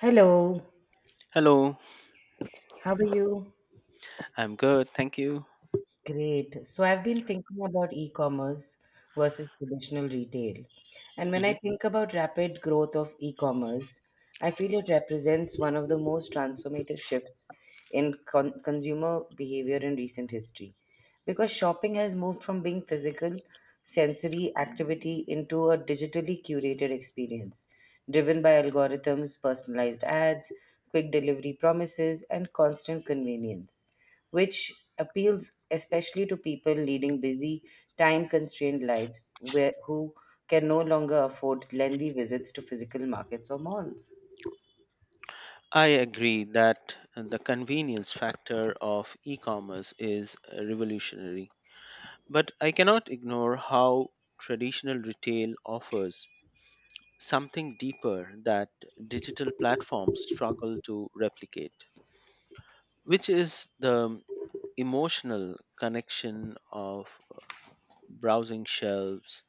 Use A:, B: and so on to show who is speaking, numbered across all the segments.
A: Hello,
B: Hello,
A: how are you?
B: I'm good, thank you.
A: Great. So I've been thinking about e-commerce versus traditional retail. And when I
B: Mhm.
A: think about rapid growth of e-commerce, I feel it represents one of the most transformative shifts in consumer behavior in recent history. Because shopping has moved from being physical sensory activity into a digitally curated experience driven by algorithms, personalized ads, quick delivery promises, and constant convenience, which appeals especially to people leading busy, time constrained lives where, who can no longer afford lengthy visits to physical markets or malls.
B: I agree that the convenience factor of e commerce is revolutionary, but I cannot ignore how traditional retail offers something deeper that digital platforms struggle to replicate, which is the emotional connection of browsing shelves,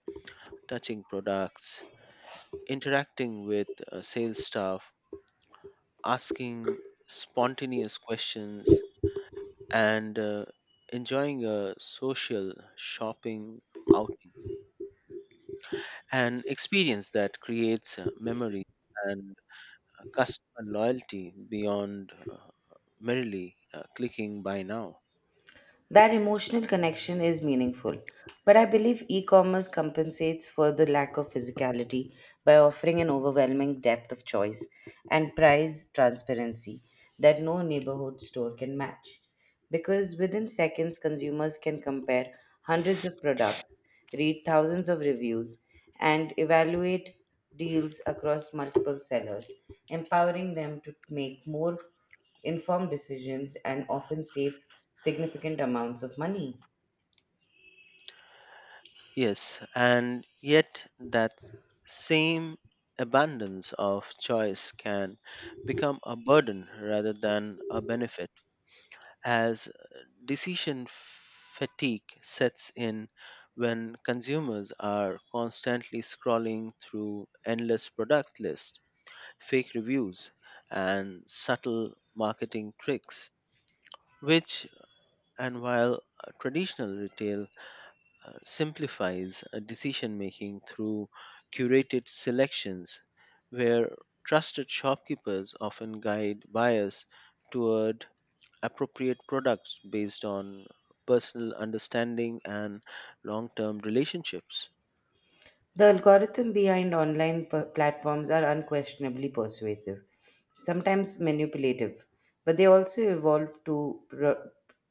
B: touching products, interacting with sales staff, asking spontaneous questions, and enjoying a social shopping outing. An experience that creates memories and customer loyalty beyond merely clicking buy now.
A: That emotional connection is meaningful, but I believe e commerce compensates for the lack of physicality by offering an overwhelming depth of choice and price transparency that no neighborhood store can match. Because within seconds, consumers can compare hundreds of products, read thousands of reviews, and evaluate deals across multiple sellers, empowering them to make more informed decisions and often save significant amounts of money.
B: Yes, and yet that same abundance of choice can become a burden rather than a benefit as decision fatigue sets in when consumers are constantly scrolling through endless product lists, fake reviews, and subtle marketing tricks. Which, and while traditional retail simplifies decision making through curated selections, where trusted shopkeepers often guide buyers toward appropriate products based on personal understanding and long term relationships.
A: The algorithm behind online platforms are unquestionably persuasive, sometimes manipulative, but they also evolve to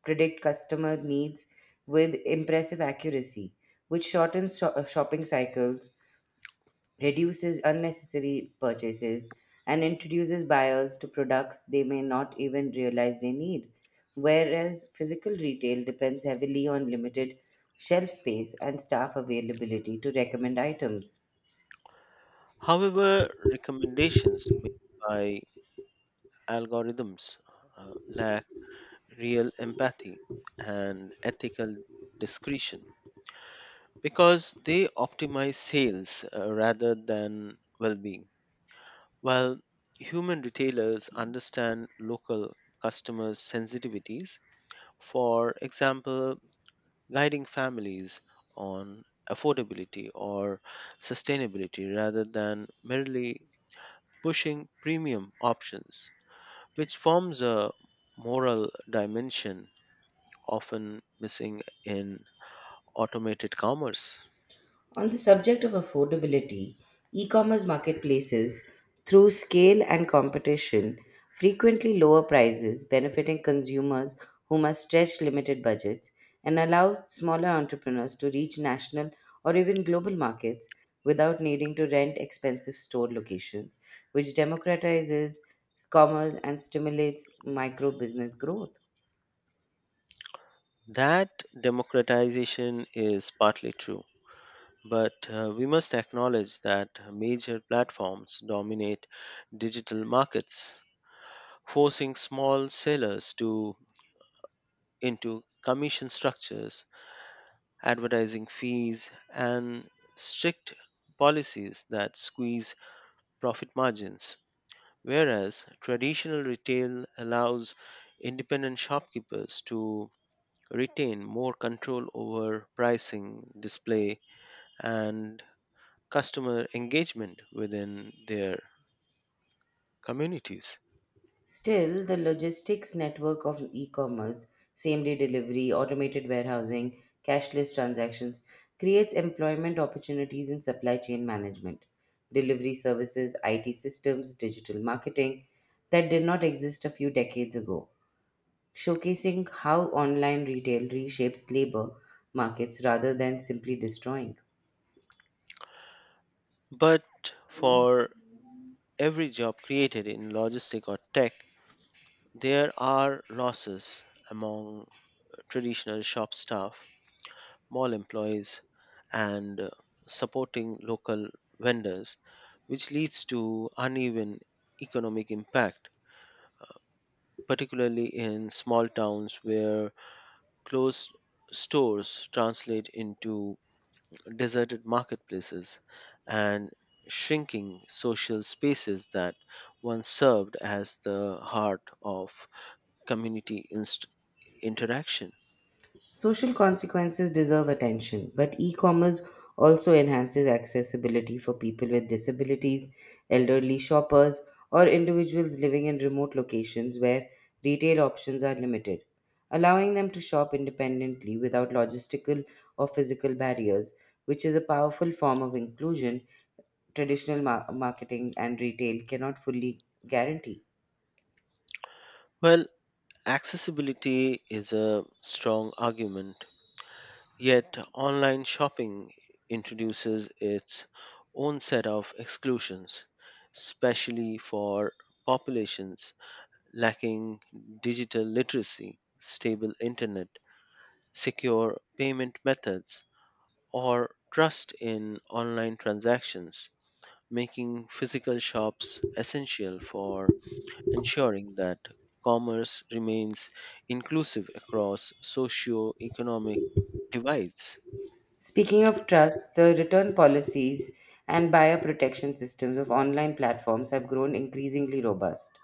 A: predict customer needs with impressive accuracy, which shortens shopping cycles, reduces unnecessary purchases, and introduces buyers to products they may not even realize they need. Whereas physical retail depends heavily on limited shelf space and staff availability to recommend items.
B: However, recommendations made by algorithms lack real empathy and ethical discretion because they optimize sales rather than well being. While human retailers understand local customers' sensitivities, for example, guiding families on affordability or sustainability rather than merely pushing premium options, which forms a moral dimension often missing in automated commerce.
A: On the subject of affordability, e commerce marketplaces, through scale and competition, frequently lower prices, benefiting consumers who must stretch limited budgets and allow smaller entrepreneurs to reach national or even global markets without needing to rent expensive store locations, which democratizes commerce and stimulates micro business growth.
B: That democratization is partly true, but we must acknowledge that major platforms dominate digital markets, forcing small sellers to into commission structures advertising fees, and strict policies that squeeze profit margins. Whereas traditional retail allows independent shopkeepers to retain more control over pricing, display, and customer engagement within their communities.
A: Still, the logistics network of e commerce, same day delivery, automated warehousing, cashless transactions, creates employment opportunities in supply chain management, delivery services, IT systems, digital marketing that did not exist a few decades ago, showcasing how online retail reshapes labor markets rather than simply destroying.
B: But for every job created in logistic or tech, there are losses among traditional shop staff mall employees, and supporting local vendors, which leads to uneven economic impact, particularly in small towns where closed stores translate into deserted marketplaces and shrinking social spaces that once served as the heart of community interaction.
A: Social consequences deserve attention, but e commerce also enhances accessibility for people with disabilities, elderly shoppers, or individuals living in remote locations where retail options are limited, allowing them to shop independently without logistical or physical barriers, which is a powerful form of inclusion traditional marketing and retail cannot fully guarantee.
B: Well, accessibility is a strong argument, yet online shopping introduces its own set of exclusions, especially for populations lacking digital literacy, stable internet, secure payment methods, or trust in online transactions, making physical shops essential for ensuring that commerce remains inclusive across socio-economic divides.
A: Speaking of trust, the return policies and buyer protection systems of online platforms have grown increasingly robust,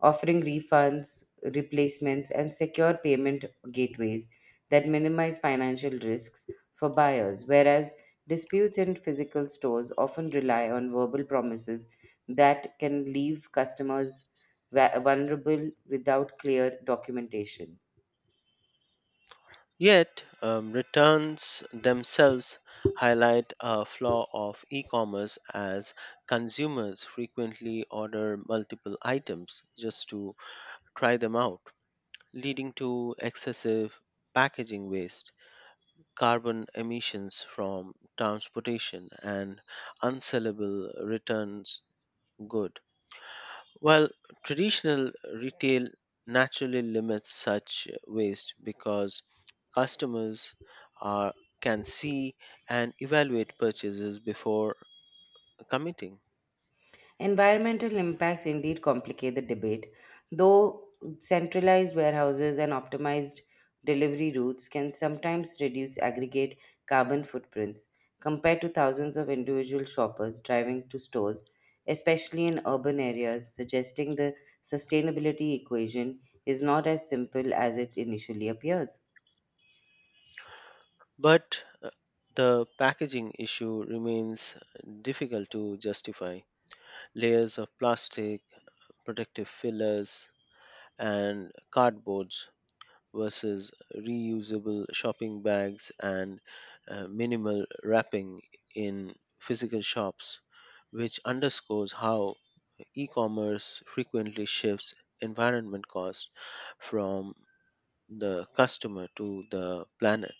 A: offering refunds, replacements, and secure payment gateways that minimize financial risks for buyers, whereas disputes in physical stores often rely on verbal promises that can leave customers vulnerable without clear documentation.
B: Yet, returns themselves highlight a flaw of e-commerce as consumers frequently order multiple items just to try them out, leading to excessive packaging waste, carbon emissions from transportation, and unsellable returns goods. Well, traditional retail naturally limits such waste because customers are, can see and evaluate purchases before committing.
A: Environmental impacts indeed complicate the debate, though centralized warehouses and optimized delivery routes can sometimes reduce aggregate carbon footprints compared to thousands of individual shoppers driving to stores, especially in urban areas, suggesting the sustainability equation is not as simple as it initially appears.
B: But the packaging issue remains difficult to justify. Layers of plastic, protective fillers, and cardboard versus reusable shopping bags and minimal wrapping in physical shops, which underscores how e commerce frequently shifts environment costs from the customer to the planet.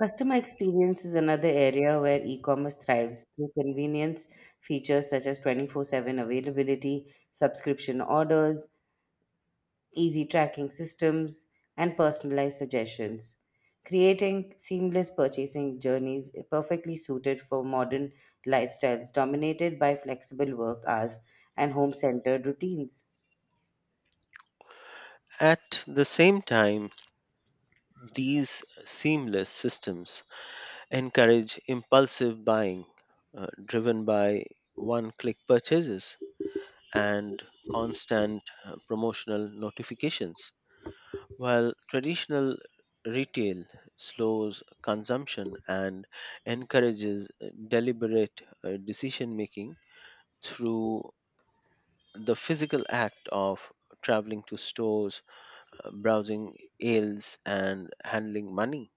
A: Customer experience is another area where e commerce thrives through convenience features such as 24/7 availability, subscription orders, easy tracking systems, and personalized suggestions, creating seamless purchasing journeys perfectly suited for modern lifestyles dominated by flexible work hours and home centered routines.
B: At the same time, these seamless systems encourage impulsive buying driven by one click purchases and constant promotional notifications, while traditional retail slows consumption and encourages deliberate decision making through the physical act of traveling to stores, browsing aisles, and handling money.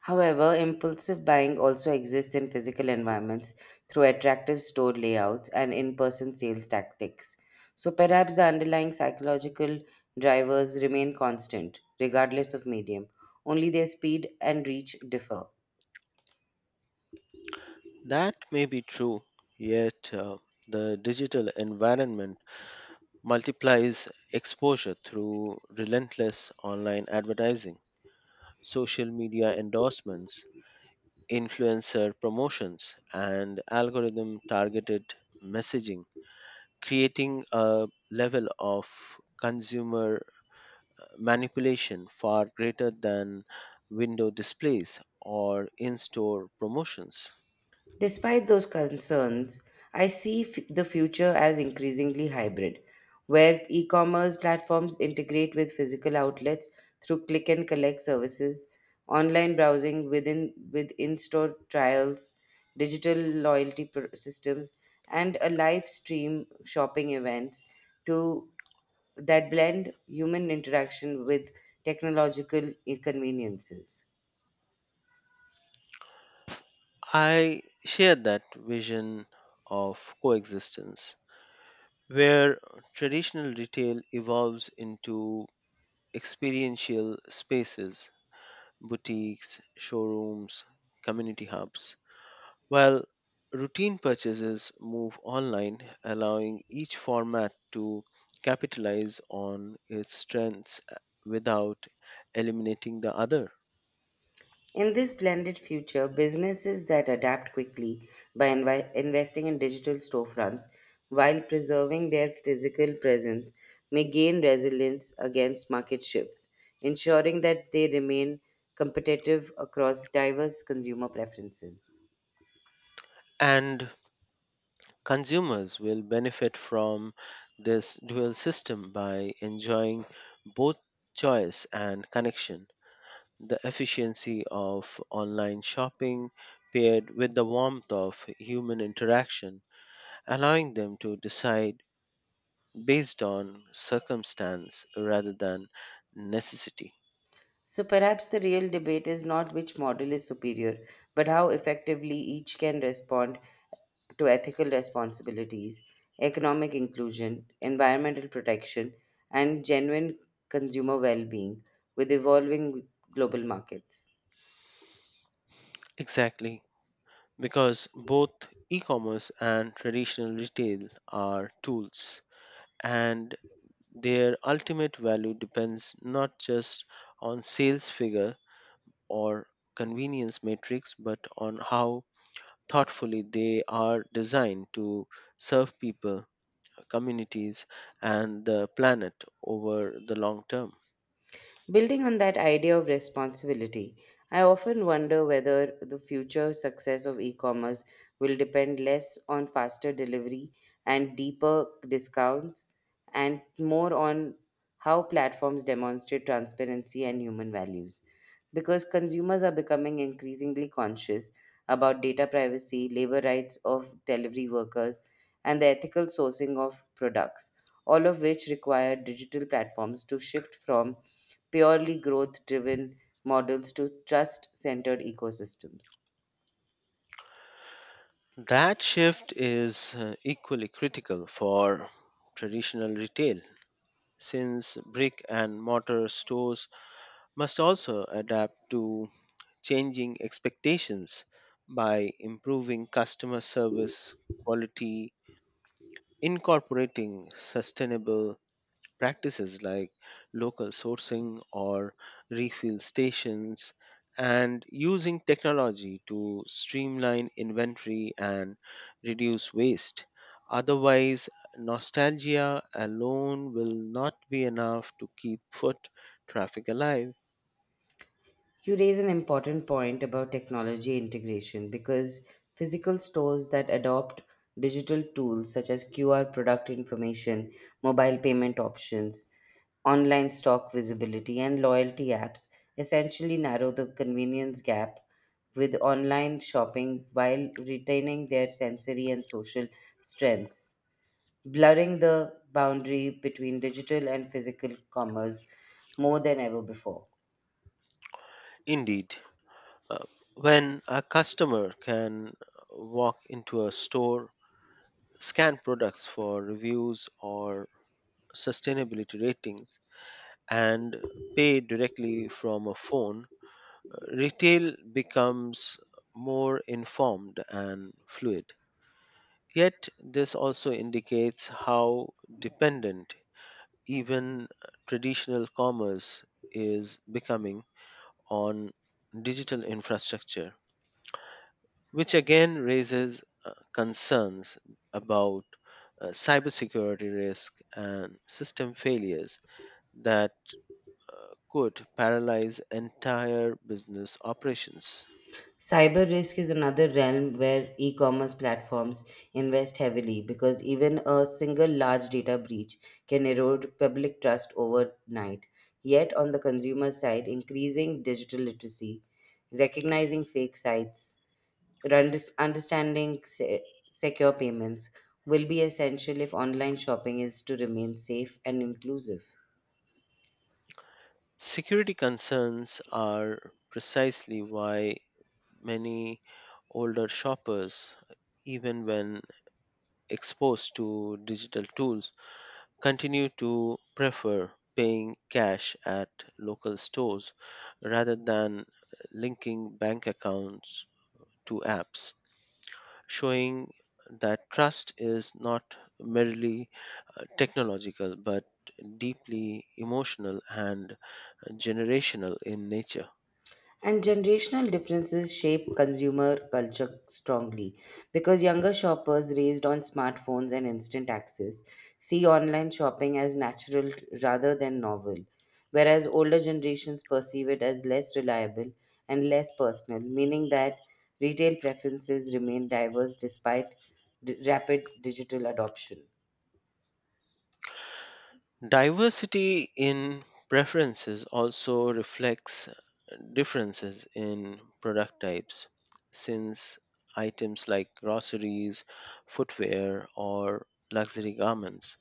A: However, impulsive buying also exists in physical environments through attractive store layouts and in person sales tactics. So perhaps the underlying psychological drivers remain constant, regardless of medium, only their speed and reach differ.
B: That may be true, yet the digital environment multiplies exposure through relentless online advertising social media endorsements, influencer promotions, and algorithm targeted messaging, creating a level of consumer manipulation far greater than window displays or in store promotions.
A: Despite those concerns, I see the future as increasingly hybrid, where e commerce platforms integrate with physical outlets through click and collect services, online browsing with in store trials, digital loyalty systems, and a live stream shopping events to that blend human interaction with technological inconveniences.
B: I share that vision of coexistence where traditional retail evolves into experiential spaces boutiques, showrooms, community hubs, while routine purchases move online, allowing each format to capitalize on its strengths without eliminating the other.
A: In this blended future, businesses that adapt quickly by investing in digital storefronts while preserving their physical presence may gain resilience against market shifts, ensuring that they remain competitive across diverse consumer preferences.
B: And consumers will benefit from this dual system by enjoying both choice and connection. The efficiency of online shopping paired with the warmth of human interaction allowing them to decide based on circumstance rather than necessity.
A: So perhaps the real debate is not which model is superior, but how effectively each can respond to ethical responsibilities, economic inclusion, environmental protection, and genuine consumer well being with evolving global markets.
B: Exactly, because both e commerce and traditional retail are tools, and their ultimate value depends not just on sales figure or convenience metrics, but on how thoughtfully they are designed to serve people, communities, and the planet over the long term.
A: Building on that idea of responsibility, I often wonder whether the future success of e commerce will depend less on faster delivery and deeper discounts and more on how platforms demonstrate transparency and human values. Because consumers are becoming increasingly conscious about data privacy, labor rights of delivery workers, and the ethical sourcing of products, all of which require digital platforms to shift from purely growth driven models to trust centered ecosystems.
B: That shift is equally critical for traditional retail since brick and mortar stores must also adapt to changing expectations by improving customer service quality, incorporating sustainable practices like local sourcing or refill stations and using technology to streamline inventory and reduce waste. Otherwise, nostalgia alone will not be enough to keep foot traffic alive.
A: You raise an important point about technology integration because physical stores that adopt digital tools such as QR product information, mobile payment options, online stock visibility, and loyalty apps essentially narrow the convenience gap with online shopping while retaining their sensory and social strengths, blurring the boundary between digital and physical commerce more than ever before.
B: Indeed, uh, when a customer can walk into a store, scan products for reviews or sustainability ratings, and pay directly from a phone, retail becomes more informed and fluid. Yet, this also indicates how dependent even traditional commerce is becoming on digital infrastructure, which again raises concerns about cybersecurity risk and system failures that could paralyze entire business operations.
A: Cyber risk is another realm where e commerce platforms invest heavily because even a single large data breach can erode public trust overnight. Yet, on the consumer side, increasing digital literacy, recognizing fake sites, understanding secure payments will be essential if online shopping is to remain safe and inclusive.
B: Security concerns are precisely why many older shoppers, even when exposed to digital tools, continue to prefer paying cash at local stores rather than linking bank accounts to apps, showing that trust is not merely technological but deeply emotional and generational in nature.
A: And generational differences shape consumer culture strongly because younger shoppers raised on smartphones and instant access see online shopping as natural rather than novel, whereas older generations perceive it as less reliable and less personal, meaning that retail preferences remain diverse despite rapid digital adoption.
B: Diversity in preferences also reflects differences in product types, since items like groceries, footwear, or luxury garments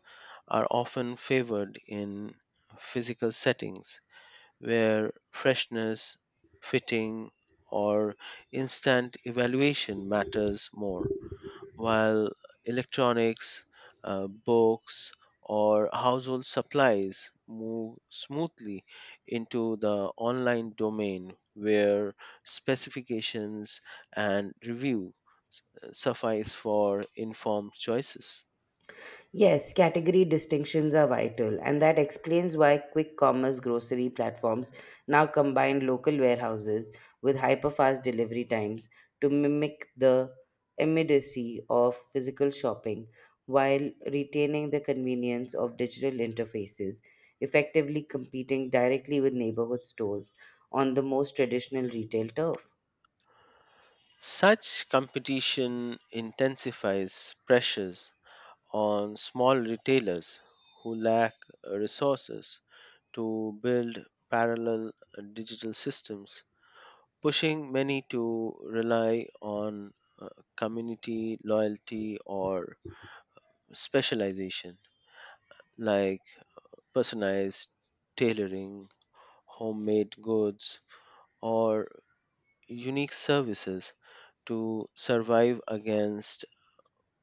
B: are often favored in physical settings where freshness, fitting, or instant evaluation matters more, while electronics, books, or household supplies move smoothly into the online domain where specifications and review suffice for informed choices.
A: Yes, category distinctions are vital, and that explains why quick commerce grocery platforms now combine local warehouses with hyperfast delivery times to mimic the immediacy of physical shopping while retaining the convenience of digital interfaces, effectively competing directly with neighborhood stores on the most traditional retail turf.
B: Such competition intensifies pressures on small retailers who lack resources to build parallel digital systems, pushing many to rely on uh, community loyalty or specialization like personalized tailoring, homemade goods, or unique services to survive against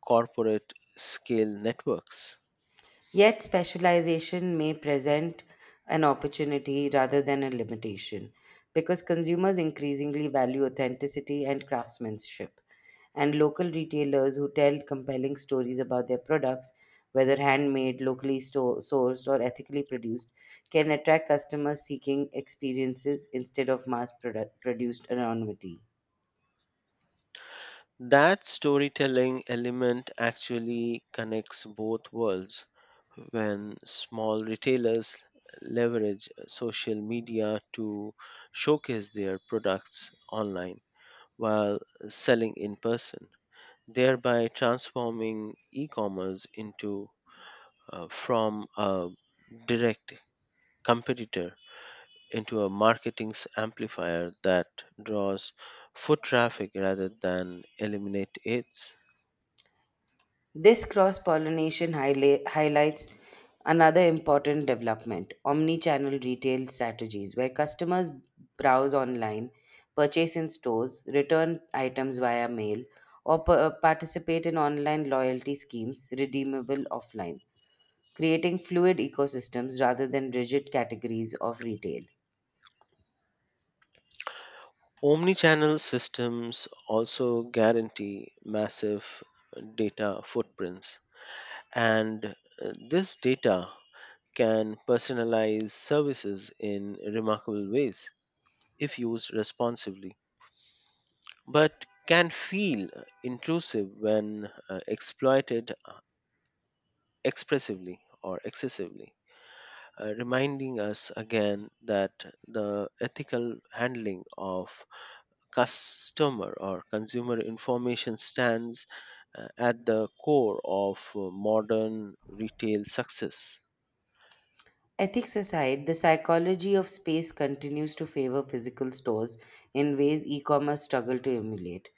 B: corporate scale networks.
A: Yet, specialization may present an opportunity rather than a limitation because consumers increasingly value authenticity and craftsmanship. And local retailers who tell compelling stories about their products, whether handmade, locally sourced, or ethically produced, can attract customers seeking experiences instead of mass produced anonymity.
B: That storytelling element actually connects both worlds. When small retailers leverage social media to showcase their products online while selling in person, thereby transforming e commerce into from a direct competitor into a marketing amplifier that draws foot traffic rather than eliminate it.
A: This cross pollination highlights another important development, omni channel retail strategies, where customers browse online, purchase in stores, return items via mail, or participate in online loyalty schemes redeemable offline, creating fluid ecosystems rather than rigid categories of retail.
B: Omnichannel systems also guarantee massive data footprints, and this data can personalize services in remarkable ways if used responsibly, but can feel intrusive when exploited expressively or excessively, reminding us again that the ethical handling of customer or consumer information stands at the core of modern retail success.
A: Ethics aside, the psychology of space continues to favor physical stores in ways e commerce struggle to emulate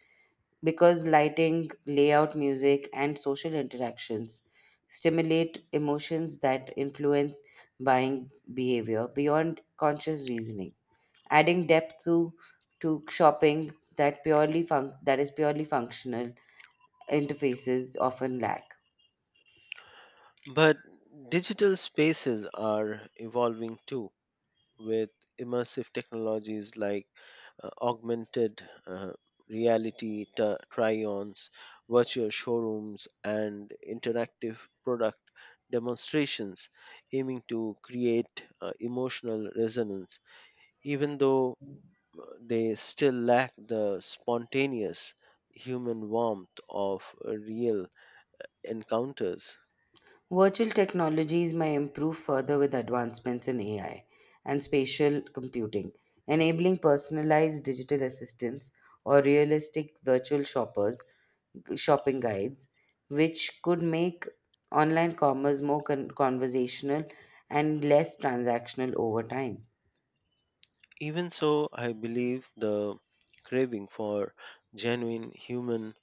A: because lighting, layout, music, and social interactions stimulate emotions that influence buying behavior beyond conscious reasoning, adding to shopping that that is purely functional interfaces often lack.
B: But digital spaces are evolving too, with immersive technologies like augmented reality try ons, virtual showrooms, and interactive product demonstrations aiming to create emotional resonance. Even though they still lack the spontaneous human warmth of real encounters.
A: Virtual technologies may improve further with advancements in AI and spatial computing, enabling personalized digital assistants or realistic virtual shoppers shopping guides, which could make online commerce more conversational and less transactional over time.
B: Even so, I believe the craving for genuine human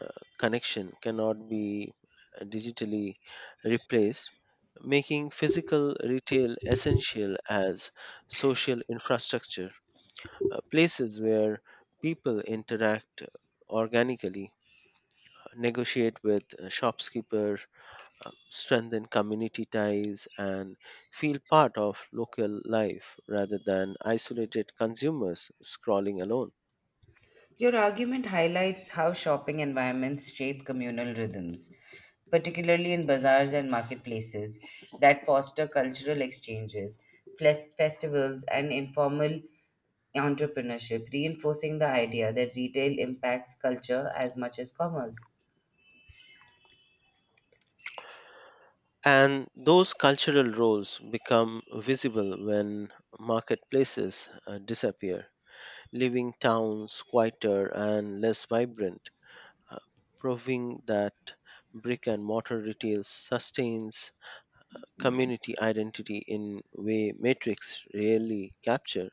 B: uh, connection cannot be digitally replaced, making physical retail essential as social infrastructure, places where people interact organically, negotiate with a shopkeeper, strengthen community ties, and feel part of local life rather than isolated consumers scrolling alone.
A: Your argument highlights how shopping environments shape communal rhythms, particularly in bazaars and marketplaces that foster cultural exchanges, festivals, and informal entrepreneurship, reinforcing the idea that retail impacts culture as much as commerce.
B: And those cultural roles become visible when marketplaces disappear, leaving towns quieter and less vibrant, uh, proving that brick and mortar retail sustains community identity in way metrics rarely capture.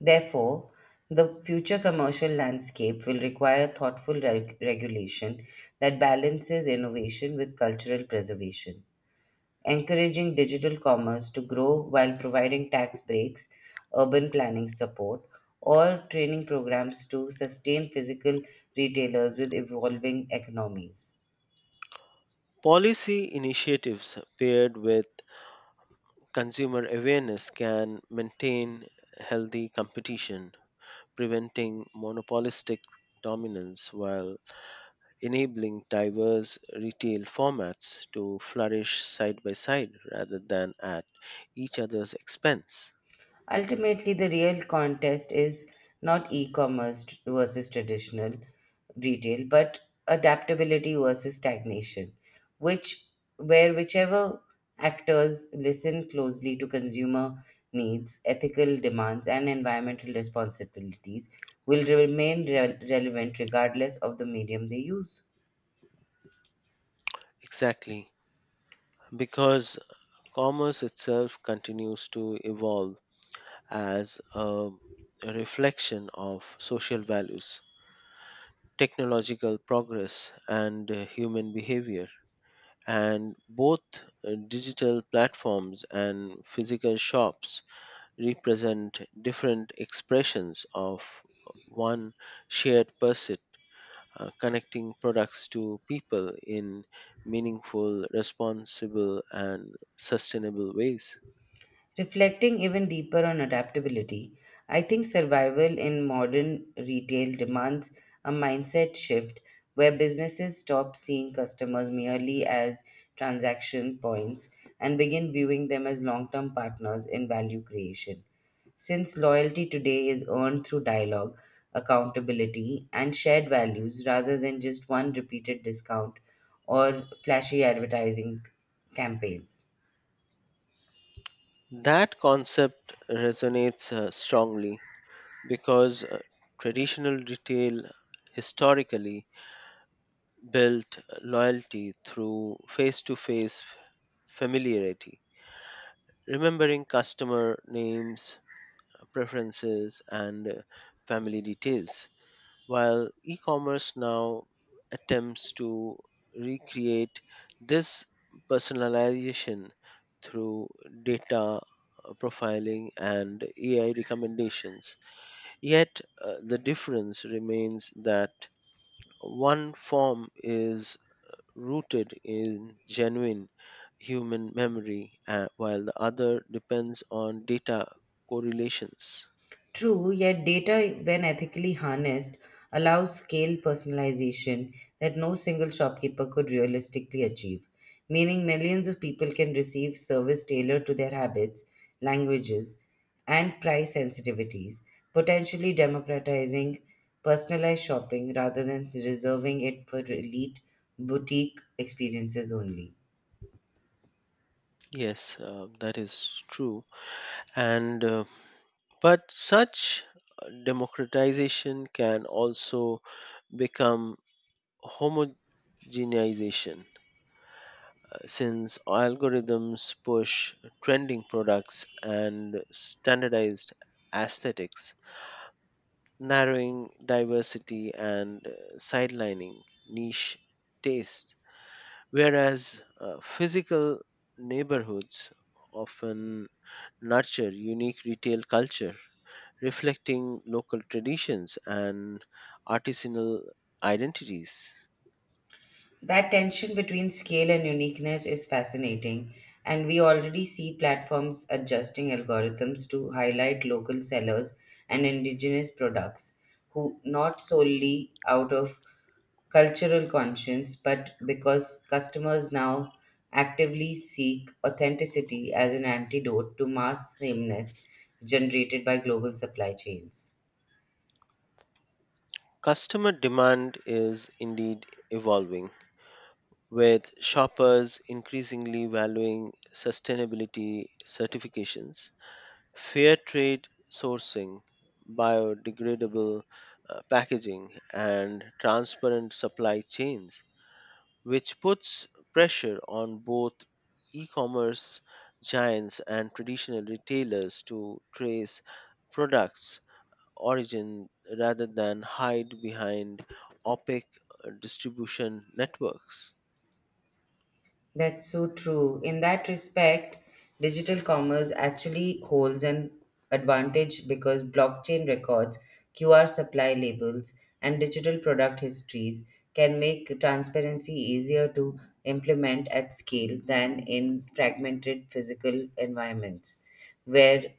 A: Therefore, the future commercial landscape will require thoughtful regulation that balances innovation with cultural preservation, encouraging digital commerce to grow while providing tax breaks, urban planning support, or training programs to sustain physical retailers with evolving economies.
B: Policy initiatives paired with consumer awareness can maintain healthy competition, preventing monopolistic dominance while enabling diverse retail formats to flourish side by side rather than at each other's expense.
A: Ultimately, the real contest is not e commerce versus traditional retail, but adaptability versus stagnation, which whichever actors listen closely to consumer needs, ethical demands, and environmental responsibilities will remain relevant regardless of the medium they use.
B: Exactly. Because commerce itself continues to evolve as a reflection of social values, technological progress, and human behavior. And both digital platforms and physical shops represent different expressions of one shared pursuit, connecting products to people in meaningful, responsible, and sustainable ways.
A: Reflecting even deeper on adaptability, I think survival in modern retail demands a mindset shift where businesses stop seeing customers merely as transaction points and begin viewing them as long term partners in value creation, since loyalty today is earned through dialogue, accountability, and shared values rather than just one repeated discount or flashy advertising campaigns.
B: That concept resonates strongly because traditional retail historically built loyalty through face to face familiarity, remembering customer names, preferences, and family details, while e commerce now attempts to recreate this personalization through data profiling and AI recommendations. Yet the difference remains that one form is rooted in genuine human memory, while the other depends on data correlations.
A: True, yet data, when ethically harnessed, allows scale personalization that no single shopkeeper could realistically achieve, meaning millions of people can receive service tailored to their habits, languages, and price sensitivities, potentially democratizing personalized shopping rather than reserving it for elite boutique experiences only.
B: Yes, that is true. And but such democratization can also become homogenization since algorithms push trending products and standardized aesthetics, narrowing diversity and sidelining niche tastes, whereas physical neighborhoods often nurture unique retail culture, reflecting local traditions and artisanal identities.
A: That tension between scale and uniqueness is fascinating, and we already see platforms adjusting algorithms to highlight local sellers and indigenous products, who not solely out of cultural conscience but because customers now actively seek authenticity as an antidote to mass sameness generated by global supply chains.
B: Customer demand is indeed evolving with shoppers increasingly valuing sustainability certifications, fair trade sourcing, biodegradable packaging, and transparent supply chains, which puts pressure on both e commerce giants and traditional retailers to trace products' origin rather than hide behind opaque distribution networks.
A: That's so true. In that respect, digital commerce actually holds an advantage because blockchain records, QR supply labels, and digital product histories can make transparency easier to implement at scale than in fragmented physical environments where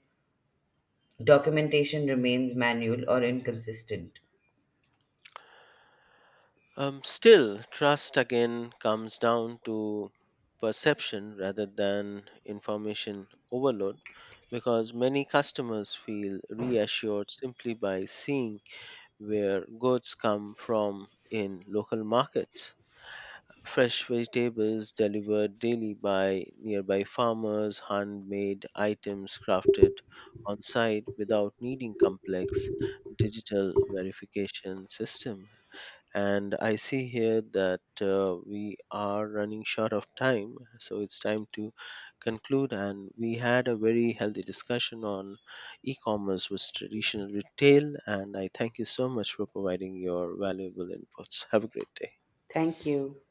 A: documentation remains manual or inconsistent.
B: Still, trust again comes down to perception rather than information overload because many customers feel reassured simply by seeing where goods come from in local markets. Fresh vegetables delivered daily by nearby farmers, handmade items crafted on site without needing complex digital verification system and I see here that we are running short of time, so it's time to conclude. And we had a very healthy discussion on e commerce with traditional retail, and I thank you so much for providing your valuable inputs. Have a great day.
A: Thank you.